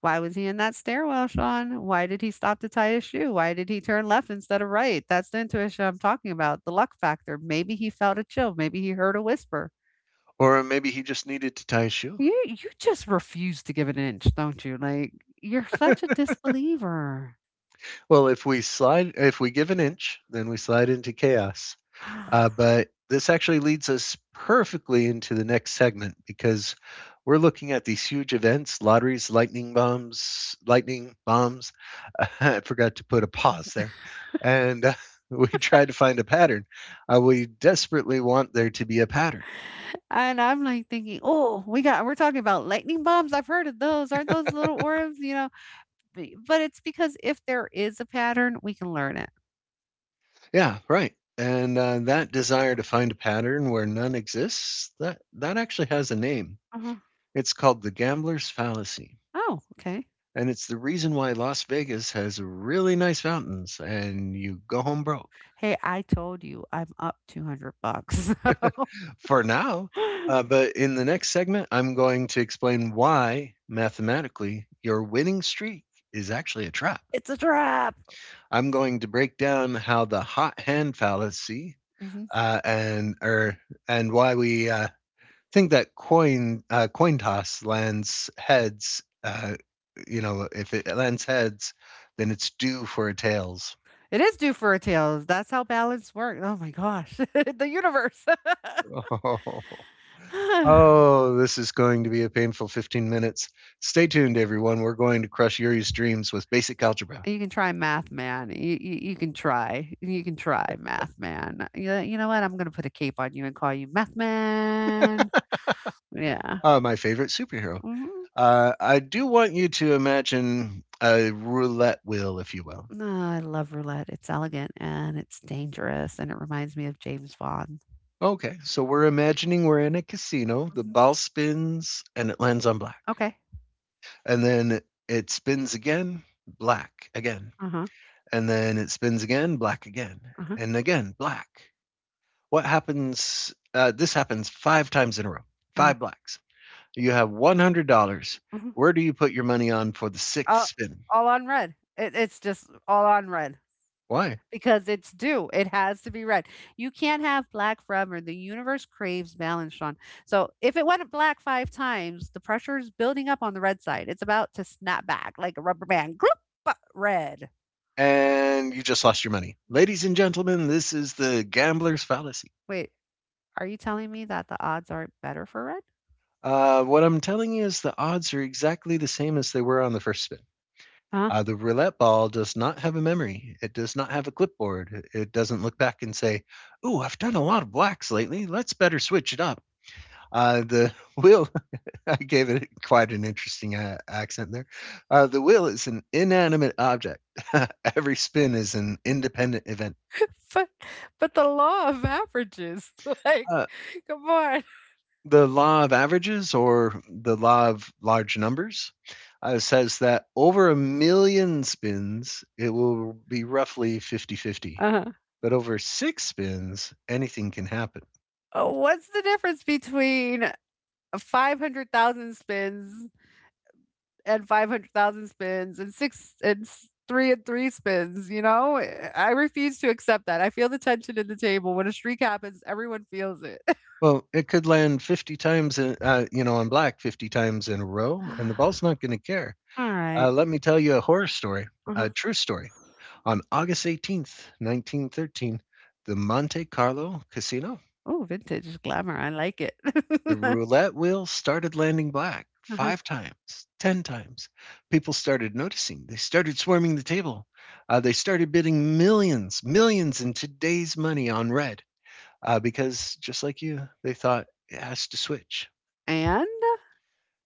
B: why was he in that stairwell, Sean? Why did he stop to tie his shoe? Why did he turn left instead of right? That's the intuition I'm talking about, the luck factor. Maybe he felt a chill. Maybe he heard a whisper.
A: Or maybe he just needed to tie a shoe.
B: You just refuse to give an inch, don't you? Like, you're such a disbeliever.
A: Well, if we give an inch, then we slide into chaos. But this actually leads us perfectly into the next segment, because we're looking at these huge events: lotteries, lightning bombs, lightning bombs. I forgot to put a pause there. And we tried to find a pattern. We desperately want there to be a pattern.
B: And I'm like thinking, oh, we're talking about lightning bombs. I've heard of those. Aren't those little orbs? You know, but it's because if there is a pattern, we can learn it.
A: Yeah, right. And that desire to find a pattern where none exists, that actually has a name.
B: Uh-huh.
A: It's called the gambler's fallacy.
B: Oh, okay.
A: And it's the reason why Las Vegas has really nice fountains and you go home broke
B: Hey, I told you I'm up 200 bucks. So
A: for now. But in the next segment, I'm going to explain why, mathematically, your winning streak is actually a trap.
B: it's a trap.
A: I'm going to break down how the hot hand fallacy
B: Mhm.
A: uh, and or and why we think that coin toss lands heads. If it lands heads, then it's due for a tails.
B: It is due for a tail. That's how balance works. Oh my gosh, the universe.
A: Oh. Oh, this is going to be a painful 15 minutes. Stay tuned, everyone. We're going to crush Yuri's dreams with basic algebra,
B: You can try Math Man. You can try. You can try Math Man. You know what? I'm gonna put a cape on you and call you Math Man. Yeah.
A: my favorite superhero.
B: Mhm.
A: I do want you to imagine a roulette wheel, if you will.
B: No, I love roulette. It's elegant and it's dangerous and it reminds me of James Bond.
A: Okay, so we're imagining we're in a casino. The
B: Mhm.
A: ball spins and it lands on black.
B: Okay.
A: And then it spins again, black again.
B: Uh-huh.
A: And then it spins again, black again.
B: Uh-huh.
A: And again, black. What happens? This happens five times in a row,
B: Uh-huh.
A: five blacks. You have $100.
B: Uh-huh.
A: Where do you put your money on for the sixth
B: All
A: spin?
B: all on red. It's just all on red.
A: Why?
B: Because it's due. It has to be read. You can't have black forever. The universe craves balance, Sean. So if it went black five times, the pressure is building up on the red side. It's about to snap back like a rubber band. Group red.
A: And you just lost your money.
B: Mm.
A: Ladies and gentlemen, this is the gambler's fallacy.
B: Wait, are you telling me that the odds aren't better for red?
A: What I'm telling you is the odds are exactly the same as they were on the first spin.
B: Huh?
A: The roulette ball does not have a memory. It does not have a clipboard. It doesn't look back and say, "Ooh, I've done a lot of blacks lately. Let's better switch it up." The wheel I gave it quite an interesting accent there. The wheel is an inanimate object. Every spin is an independent event.
B: but but the law of averages, like,
A: Uh,
B: come on.
A: the law of averages or the law of large numbers says that over a million spins, it will be roughly 50 50.
B: Uh-huh.
A: But over 6 spins, anything can happen.
B: What's the difference between 500,000 spins and 500,000 spins and six and three and three spins, you know? Eh, I refuse to accept that. I feel the tension in the table. When a streak happens, everyone feels it.
A: Well, it could land 50 times, on black 50 times in a row, and the ball's not going to care.
B: All right.
A: Let me tell you a horror story,
B: Uh-huh.
A: a true story. On August 18th, 1913, the Monte Carlo Casino,
B: Oh, vintage glamour. I like it.
A: the roulette wheel started landing black
B: Uh-huh.
A: five times, 10 times. People started noticing. They started swarming the table. They started bidding millions, millions in today's money on red because, just like you, they thought it has to switch.
B: And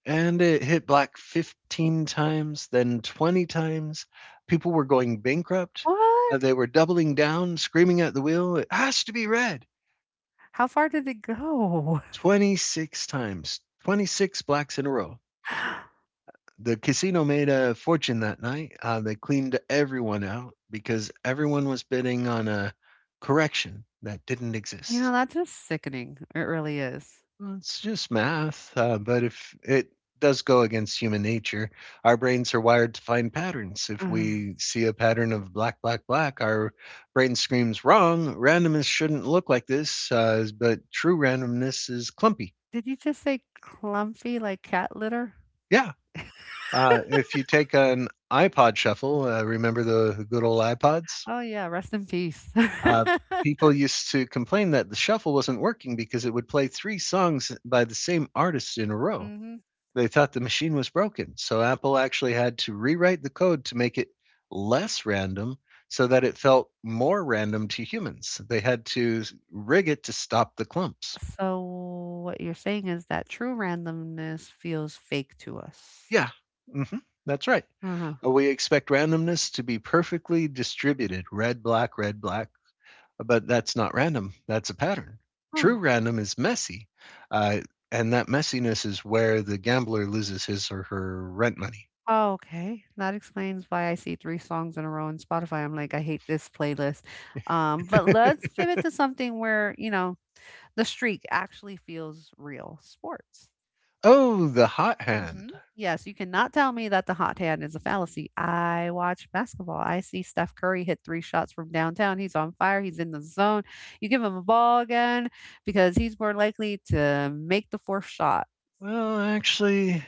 A: And it hit black 15 times, then 20 times. People were going bankrupt.
B: what?
A: They were doubling down, screaming at the wheel, it has to be red.
B: How far did it go?
A: 26 times, 26 blacks in a row. The casino made a fortune that night. They cleaned everyone out because everyone was bidding on a correction that didn't
B: You
A: exist.
B: know, that's just sickening. It really is.
A: Well, it's just math, but if it does go against human nature, our brains are wired to find patterns. If
B: Ugh.
A: we see a pattern of black, black, black, our brain screams wrong. Randomness shouldn't look like this, but true randomness is clumpy.
B: Did you just say clumpy like cat litter?
A: Yeah. If you take an iPod shuffle, remember the good old iPods?
B: Oh, yeah. Rest in peace.
A: Uh, People used to complain that the shuffle wasn't working because it would play three songs by the same artist in a row.
B: Hmm.
A: They thought the machine was broken. So Apple actually had to rewrite the code to make it less random so that it felt more random to humans. They had to rig it to stop the clumps.
B: So what you're saying is that true randomness feels fake to us.
A: Yeah, hmm that's right.
B: Uh-huh.
A: We expect randomness to be perfectly distributed red, black, but that's not random. That's a pattern. True
B: Oh.
A: random is messy, uh, and that messiness is where the gambler loses his or her rent money.
B: Oh, okay. That explains why I see three songs in a row on Spotify. I'm like, I hate this playlist. But let's pivot to something where, the streak actually feels real sports.
A: Oh, the hot
B: Mhm.
A: hand.
B: Yes, you cannot tell me that the hot hand is a fallacy. I watch basketball. I see Steph Curry hit three shots from downtown. He's on fire. He's in the zone. You give him a ball again because he's more likely to make the fourth shot.
A: Well, actually,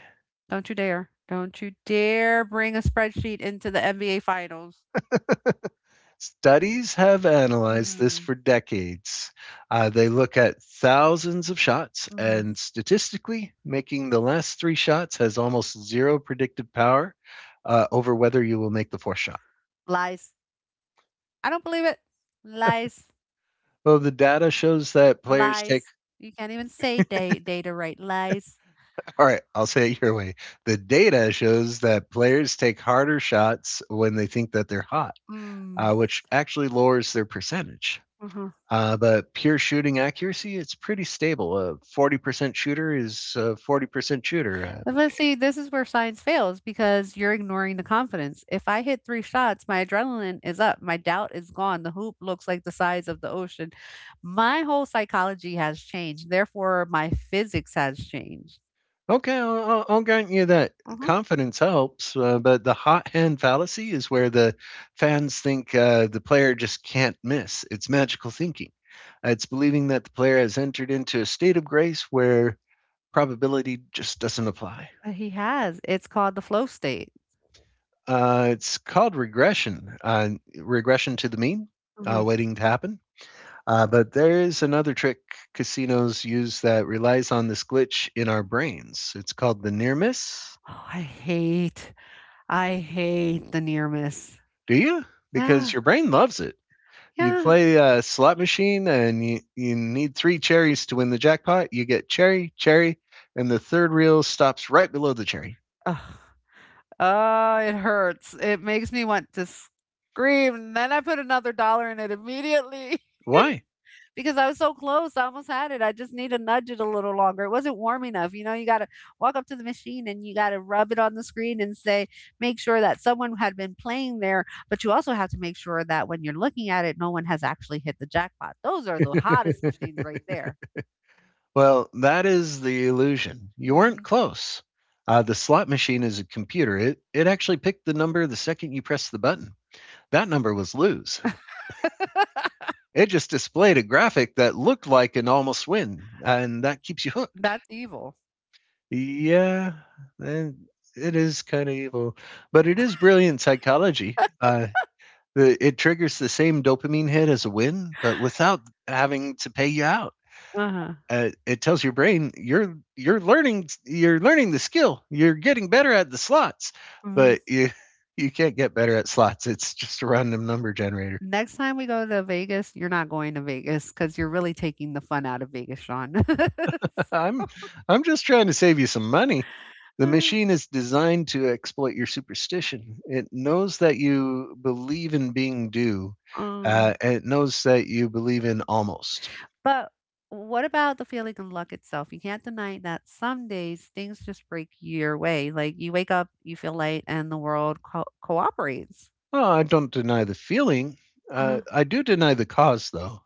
B: Don't you dare. Don't you dare bring a spreadsheet into the NBA finals.
A: studies have analyzed this
B: Mm,
A: for decades. They look at thousands of shots,
B: mhm.
A: and statistically, making the last three shots has almost zero predictive power over whether you will make the fourth shot.
B: Lies. I don't believe it. Lies.
A: Well, the data shows that players take
B: Lies. You can't even say data right. Lies.
A: All right, I'll say it your way. The data shows that players take harder shots when they think that they're hot,
B: Mm.
A: which actually lowers their percentage. But pure shooting accuracy, it's pretty stable. A 40% shooter is a 40% shooter.
B: But see, this is where science fails because you're ignoring the confidence. If I hit three shots, my adrenaline is up, my doubt is gone, the hoop looks like the size of the ocean. My whole psychology has changed. Therefore, my physics has changed.
A: Okay, I'll grant you that
B: Mhm.
A: confidence helps, but the hot hand fallacy is where the fans think the player just can't miss. It's magical thinking. It's believing that the player has entered into a state of grace where probability just doesn't apply.
B: He has. It's called the flow state.
A: It's called regression to the mean,
B: Mhm.
A: waiting to happen. But there is another trick casinos use that relies on this glitch in our brains. It's called the near miss.
B: Oh, I hate, I hate the near miss.
A: Do you? Because
B: Yeah.
A: your brain loves it. You
B: Yeah.
A: play a slot machine and you need three cherries to win the jackpot. You get cherry, cherry, and the third reel stops right below the cherry.
B: Ugh. Oh, it hurts. It makes me want to scream. And then I put another dollar in it immediately.
A: Why?
B: Because I was so close. I almost had it. I just need to nudge it a little longer. It wasn't warm enough. You know, you got to walk up to the machine and you got to rub it on the screen and say, make sure that someone had been playing there. But you also have to make sure that when you're looking at it, no one has actually hit the jackpot. Those are the hottest machines right there.
A: Well, that is the illusion. You weren't
B: Mhm.
A: close. The slot machine is a computer. It actually picked the number the second you pressed the button. That number was lose. It just displayed a graphic that looked like an almost win, and that keeps you hooked.
B: That's evil.
A: Yeah, and it is kind of evil, but it is brilliant psychology. It triggers the same dopamine hit as a win, but without having to pay you out.
B: Uh huh.
A: It tells your brain you're learning the skill, you're getting better at the slots,
B: Hmm.
A: but you you can't get better at slots. It's just a random number generator.
B: Next time we go to Vegas, you're not going to Vegas because you're really taking the fun out of Vegas, Sean.
A: I'm just trying to save you some money. The machine is designed to exploit your superstition. It knows that you believe in being due,
B: Uh,
A: and it knows that you believe in almost.
B: but what about the feeling of luck itself? You can't deny that some days things just break your way. Like you wake up, you feel light, and the world cooperates.
A: Oh, I don't deny the feeling,
B: Uh-huh.
A: I do deny the cause though.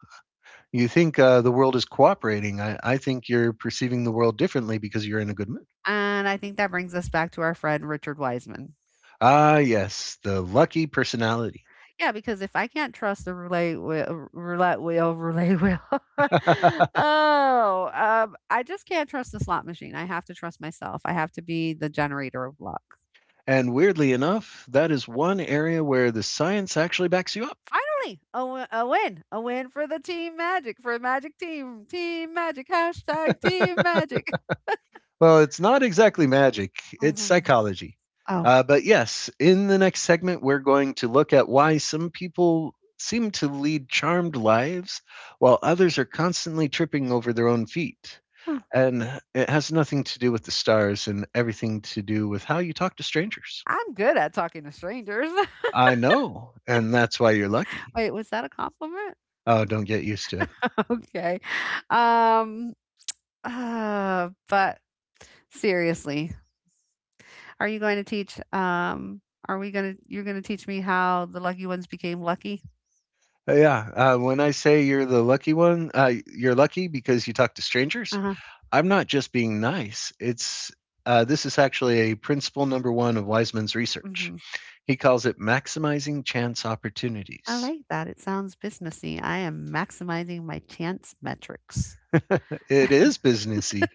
A: You think the world is cooperating. I think you're perceiving the world differently because you're in a good mood.
B: And I think that brings us back to our friend Richard Wiseman.
A: Ah, yes, the lucky personality.
B: Yeah, because if I can't trust the roulette wheel, oh, I just can't trust the slot machine. I have to trust myself. I have to be the generator of luck.
A: And weirdly enough, that is one area where the science actually backs you up.
B: Finally, a win for the team magic, for magic team, team magic, hashtag team magic.
A: Well, it's not exactly magic, it's
B: Mhm.
A: psychology.
B: Oh,
A: But yes, in the next segment, we're going to look at why some people seem to lead charmed lives while others are constantly tripping over their own feet.
B: huh,
A: And it has nothing to do with the stars and everything to do with how you talk to strangers.
B: I'm good at talking to strangers.
A: I know, and that's why you're lucky.
B: Wait, was that a compliment?
A: Oh, don't get used to it.
B: Okay. Um, but Seriously, are you going to teach? Are we going to, you're going to teach me how the lucky ones became lucky?
A: Yeah, when I say you're the lucky one, you're lucky because you talk to strangers.
B: Uh huh.
A: I'm not just being nice. It's this is actually a principle number one of Wiseman's research.
B: Hmm.
A: He calls it maximizing chance
B: I
A: opportunities.
B: like that. It sounds businessy. I am maximizing my chance metrics.
A: It is businessy.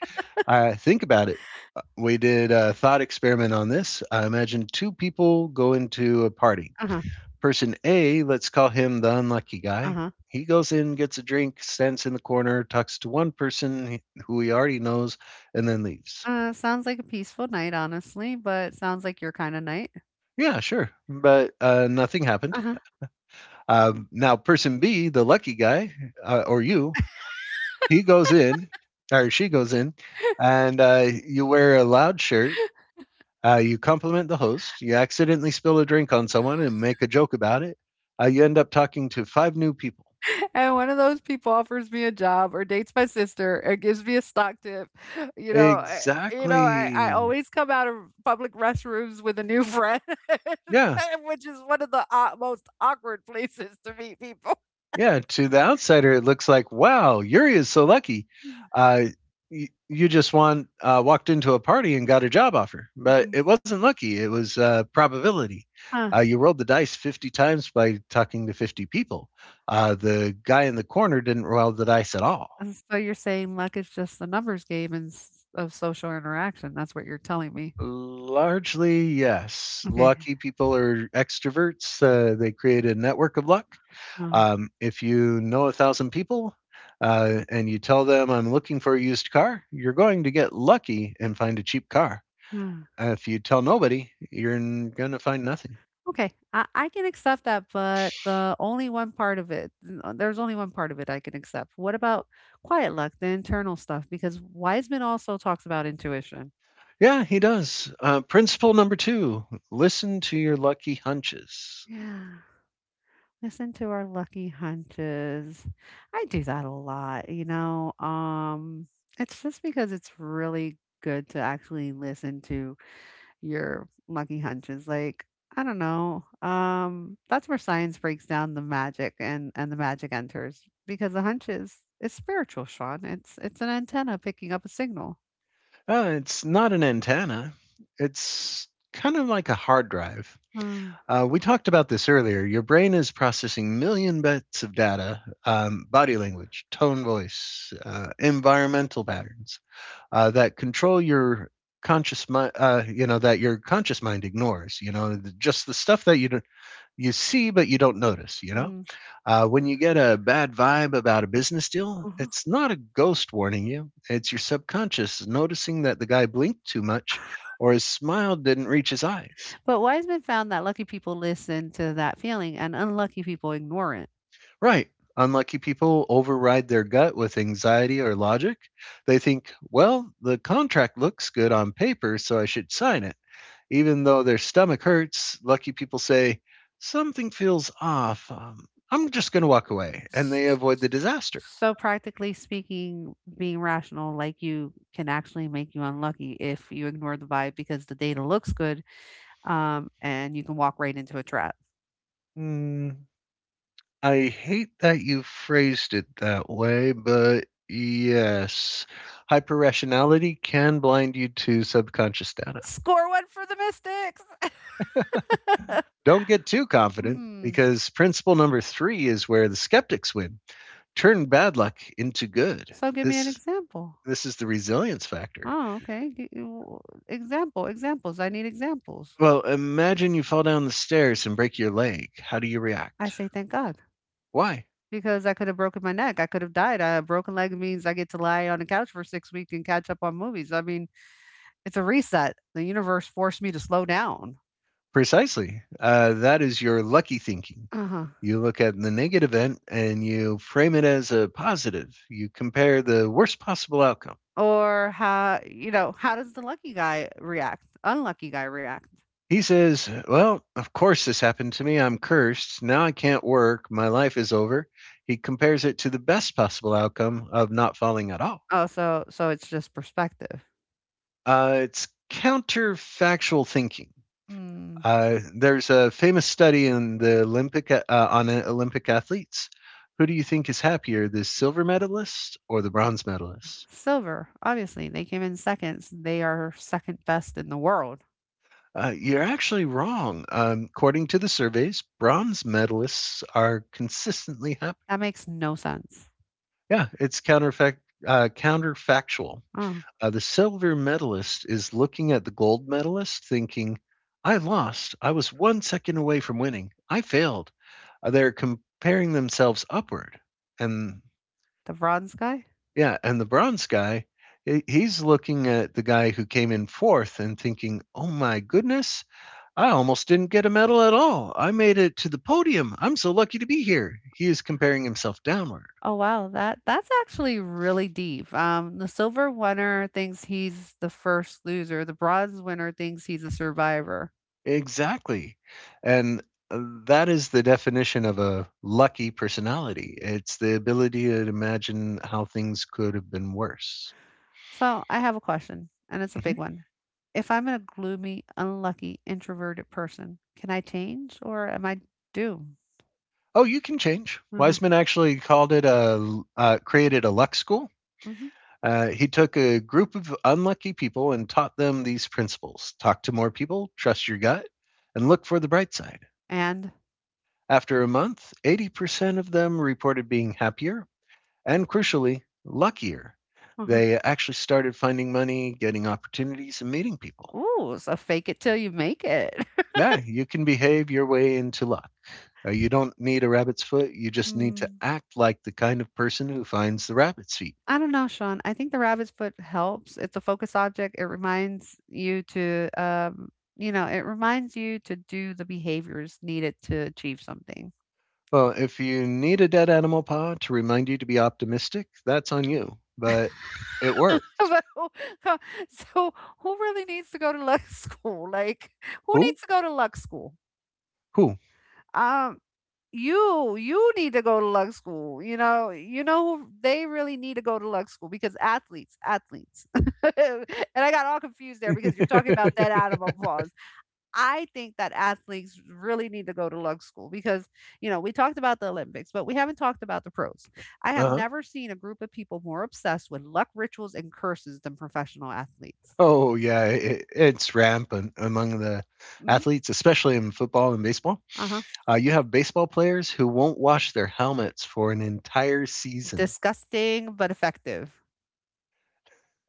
A: Think about it. We did a thought experiment on this. I imagine two people go into a party.
B: Uh huh.
A: Person A, let's call him the unlucky
B: Uh
A: guy.
B: huh.
A: He goes in, gets a drink, stands in the corner, talks to one person who he already knows, and then leaves.
B: Sounds like a peaceful night, honestly, but sounds like your kinda night.
A: Yeah, sure. But nothing happened.
B: Uh-huh.
A: Now, person B, the lucky guy, or you, he goes in, or she goes in, and you wear a loud shirt. You compliment the host. You accidentally spill a drink on someone and make a joke about it. You end up talking to five new people.
B: And one of those people offers me a job or dates my sister and gives me a stock tip. You know, I I
A: Exactly.
B: always come out of public restrooms with a new friend,
A: Yeah.
B: which is one of the aw most awkward places to meet people.
A: Yeah. To the outsider, it looks like, wow, Yuri is so lucky. Uh, you walked into a party and got a job offer, but
B: Mhm.
A: it wasn't lucky. It was probability.
B: Huh.
A: You rolled the dice 50 times by talking to 50 people. The guy in the corner didn't roll the dice at all.
B: And so you're saying luck is just the numbers game and s of social interaction, that's what you're telling me.
A: Largely, yes.
B: Okay.
A: Lucky people are extroverts. They create a network of luck.
B: Uh,
A: If you know a thousand people and you tell them, I'm looking for a used car, you're going to get lucky and find a cheap car.
B: yeah.
A: If you tell nobody, you're going to find nothing.
B: Okay, I can accept that, but the only one part of it, there's only one part of it I can accept. What about quiet luck, the internal stuff? Because Wiseman also talks about intuition.
A: Yeah, he does. Principle number two, listen to your lucky hunches.
B: Yeah, listen to our lucky hunches. I do that a lot. You know. It's just because it's really good to actually listen to your lucky hunches. Like, I don't know. That's where science breaks down the magic and the magic enters because the hunch is it's spiritual, Sean. It's an antenna picking up a signal.
A: It's not an antenna, it's kind of like a hard drive.
B: Mm,
A: We talked about this earlier. Your brain is processing million bits of data, body language, tone, voice, environmental patterns that control your conscious mind. You know that your conscious mind ignores. You know just the stuff that you don't, you see but you don't notice. You know
B: mm,
A: when you get a bad vibe about a business deal,
B: mhm.
A: it's not a ghost warning you. It's your subconscious noticing that the guy blinked too much or his smile didn't reach his eyes.
B: But Wiseman found that lucky people listen to that feeling and unlucky people ignore it.
A: Right. Unlucky people override their gut with anxiety or logic. They think, well, the contract looks good on paper, so I should sign it. Even though their stomach hurts, lucky people say, something feels off. I'm just going to walk away. And
B: S-
A: they avoid the disaster.
B: So practically speaking, being rational like you can actually make you unlucky if you ignore the vibe because the data looks good, and you can walk right into a trap.
A: Mm, I hate that you phrased it that way, but yes, hyper rationality can blind you to subconscious data.
B: Score one for the Mystics.
A: Don't get too confident
B: Mhm.
A: because principle number three is where the skeptics win. Turn bad luck into good.
B: So give me an
A: This
B: example.
A: this is the resilience factor.
B: Oh, okay. Examples. I need examples.
A: Well, imagine you fall down the stairs and break your leg. How do you
B: I
A: react?
B: say thank God
A: Why?
B: because I could have broken my neck. I could have died. A broken leg means I get to lie on the couch for 6 weeks and catch up on movies. I mean, it's a reset. The universe forced me to slow down.
A: Precisely. That is your lucky thinking.
B: Uh huh.
A: You look at the negative event and you frame it as a positive. You compare the worst possible outcome.
B: Or how you know how does the lucky guy react? Unlucky guy react?
A: He says, well, of course this happened to me. I'm cursed. Now I can't work. My life is over. He compares it to the best possible outcome of not falling at all.
B: Oh, so so it's just perspective.
A: It's counterfactual thinking.
B: Mm.
A: There's a famous study in the Olympic athletes. Who do you think is happier, the silver medalist or the bronze medalist?
B: Silver, obviously, they came in seconds. They are second best in the world.
A: You're actually wrong. According to the surveys, bronze medalists are consistently happy.
B: That makes no sense.
A: Yeah, it's counterfactual.
B: Oh,
A: The silver medalist is looking at the gold medalist thinking, I lost. I was 1 second away from winning. I failed. They're comparing themselves upward. And
B: the bronze guy?
A: yeah, and the bronze guy, he's looking at the guy who came in fourth and thinking, oh my goodness, I almost didn't get a medal at all. I made it to the podium. I'm so lucky to be here. He is comparing himself downward.
B: Oh wow, that that's actually really deep. The silver winner thinks he's the first loser. The bronze winner thinks he's a survivor.
A: Exactly, and uh, that is the definition of a lucky personality. It's the ability to imagine how things could have been worse.
B: So I have a question, and it's a
A: Mhm.
B: big one. If I'm a gloomy, unlucky, introverted person, can I change or am I doomed?
A: Oh, you can change.
B: Uh-huh.
A: Wiseman actually called it a created a luck school.
B: Hmm.
A: He took a group of unlucky people and taught them these principles: talk to more people, trust your gut, and look for the bright side.
B: And
A: After a month, 80% of them reported being happier, and crucially, luckier.
B: uh-huh.
A: They actually started finding money, getting opportunities, and meeting people.
B: Ooh, so fake it till you make it.
A: Yeah, you can behave your way into luck. You don't need a rabbit's foot, you just need to
B: Mm.
A: act like the kind of person who finds the rabbit's feet.
B: I don't know, Sean. I think the rabbit's foot helps. It's a focus object. It reminds you to, you know, it reminds you to do the behaviors needed to achieve something.
A: Well, if you need a dead animal paw to remind you to be optimistic, that's on you. But it worked.
B: But who, huh, so, Who really needs to go to luck school? Like, who
A: Who?
B: needs to go to luck school?
A: Who?
B: Um, you need to go to luck school. Who they really need to go to luck school because athletes. And I got all confused there because you're talking about dead
A: Uh-huh.
B: animal paws. I think that athletes really need to go to lug school because, you know, we talked about the Olympics, but we haven't talked about the pros. I have never seen a group of people more obsessed with luck rituals and curses than professional athletes.
A: Oh, yeah, it's rampant among the
B: Mm,
A: athletes, especially in football and baseball.
B: uh-huh.
A: You have baseball players who won't wash their helmets for an entire season.
B: Disgusting, but effective.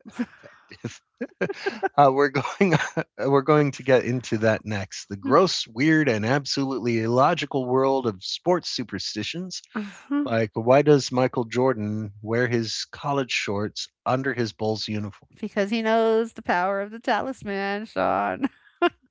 A: Effective. We're going. We're going to get into that next. The
B: Mm,
A: gross, weird, and absolutely illogical world of sports superstitions.
B: uh-huh.
A: Like, why does Michael Jordan wear his college shorts under his Bulls uniform?
B: Because he knows the power of the talisman, Sean.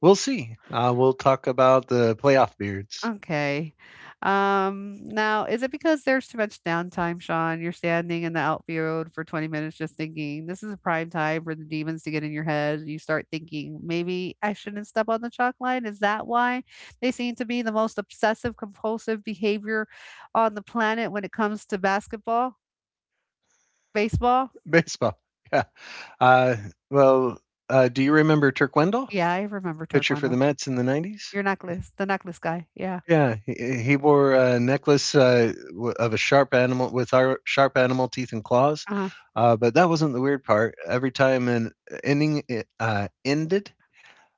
A: We'll see. We'll talk about the playoff beards,
B: Okay. Now, is it because there's too much downtime, Sean? You're standing in the outfield for 20 minutes just thinking, this is a prime time for the demons to get in your head. You start thinking, maybe I shouldn't step on the chalk line. Is that why they seem to be the most obsessive compulsive behavior on the planet when it comes to basketball, baseball?
A: baseball. Yeah. Uh, well, do you remember Turk Wendell?
B: Yeah, I remember
A: Pitcher for the
B: Turquando.
A: Mets in the '90s.
B: Your necklace, the necklace guy. Yeah.
A: Yeah, he wore a necklace of a sharp animal with our sharp animal teeth and claws,
B: Uh huh.
A: but that wasn't the weird part. Every time an inning ended,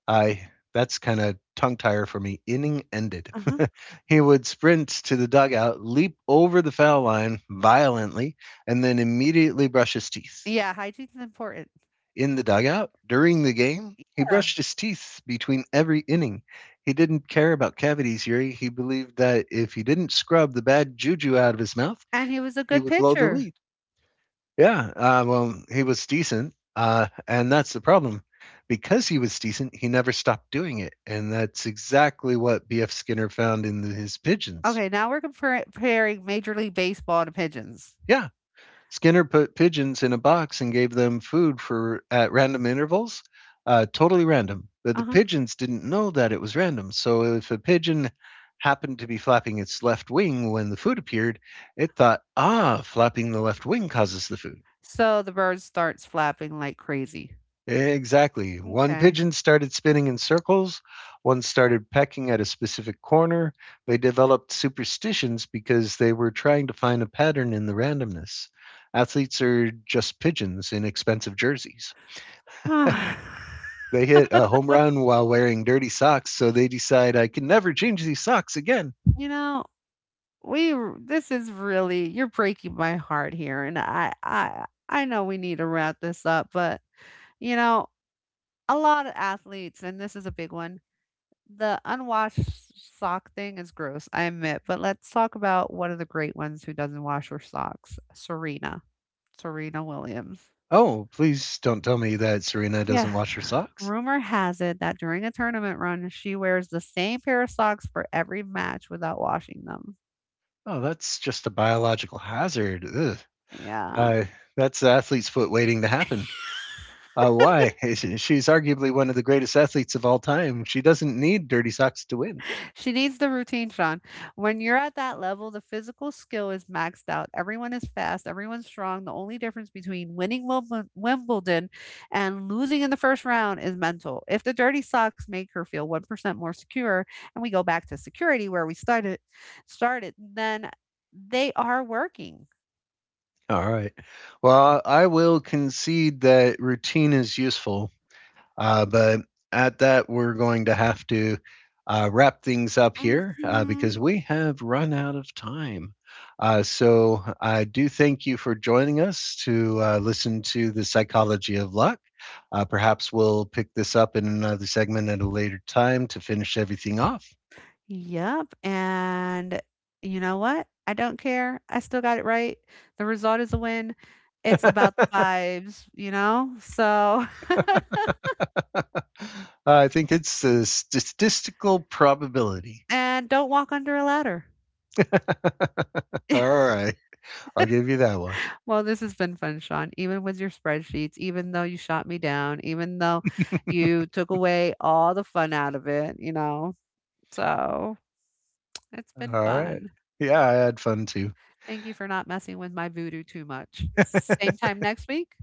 A: I that's kind of tongue tire for me. Inning ended.
B: Uh huh.
A: He would sprint to the dugout, leap over the foul line violently, and then immediately brush his teeth.
B: Yeah, hygiene's important.
A: In the dugout, during the game, he
B: Yeah.
A: brushed his teeth between every inning. He didn't care about cavities, Yuri. He believed that if he didn't scrub the bad juju out of his mouth,
B: And he was a
A: he
B: good
A: would blow the
B: pitcher.
A: lead. Yeah, he was decent, and that's the problem. Because he was decent, he never stopped doing it, and that's exactly what B.F. Skinner found in his pigeons.
B: Okay, now we're comparing Major League Baseball to pigeons.
A: Yeah, Skinner put pigeons in a box and gave them food for at random intervals, totally random. But the
B: Uh-huh.
A: pigeons didn't know that it was random. So if a pigeon happened to be flapping its left wing when the food appeared, it thought, ah, flapping the left wing causes the food.
B: So the bird starts flapping like crazy.
A: Exactly. One
B: Okay.
A: pigeon started spinning in circles, one started pecking at a specific corner. They developed superstitions because they were trying to find a pattern in the randomness. Athletes are just pigeons in expensive jerseys. They hit a home run while wearing dirty socks, so they decide I can never change these socks again.
B: You know, we r this is really you're breaking my heart here, and I know we need to wrap this up, but, you know, a lot of athletes, and this is a big one, the unwashed sock thing is gross, I admit, but let's talk about one of the great ones who doesn't wash her socks, Serena Williams.
A: Oh, please don't tell me that Serena
B: Yeah.
A: doesn't wash her socks.
B: Rumor has it that during a tournament run, she wears the same pair of socks for every match without washing them.
A: Oh, that's just a biological hazard. Ugh.
B: Yeah.
A: Uh, that's athlete's foot waiting to happen. Why? She's arguably one of the greatest athletes of all time. She doesn't need dirty socks to win.
B: She needs the routine, Sean. When you're at that level, the physical skill is maxed out. Everyone is fast, everyone's strong. The only difference between winning Wimbledon and losing in the first round is mental. If the dirty socks make her feel 1% more secure, and we go back to security where we started, then they are working.
A: All right. Well, I will concede that routine is useful, but at that, we're going to have to wrap things up here
B: Hmm.
A: because we have run out of time. So I do thank you for joining us to listen to the psychology of luck. Perhaps we'll pick this up in another segment at a later time to finish everything off.
B: Yep. And you know what? I don't care. I still got it right. The result is a win. It's about the vibes, you know? So,
A: I think it's a statistical probability.
B: and don't walk under a ladder.
A: All right. I'll give you that one.
B: Well, this has been fun, Sean. Even with your spreadsheets, even though you shot me down, even though you took away all the fun out of it, you know? So, it's been
A: All right.
B: fun.
A: Yeah, I had fun too.
B: Thank you for not messing with my voodoo too much. Same time next week.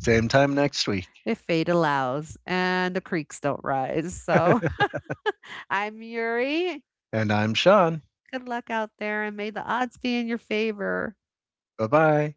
A: Same time next week.
B: If fate allows and the creeks don't rise. So I'm Yuri.
A: And I'm Sean.
B: Good luck out there and may the odds be in your favor.
A: Bye bye.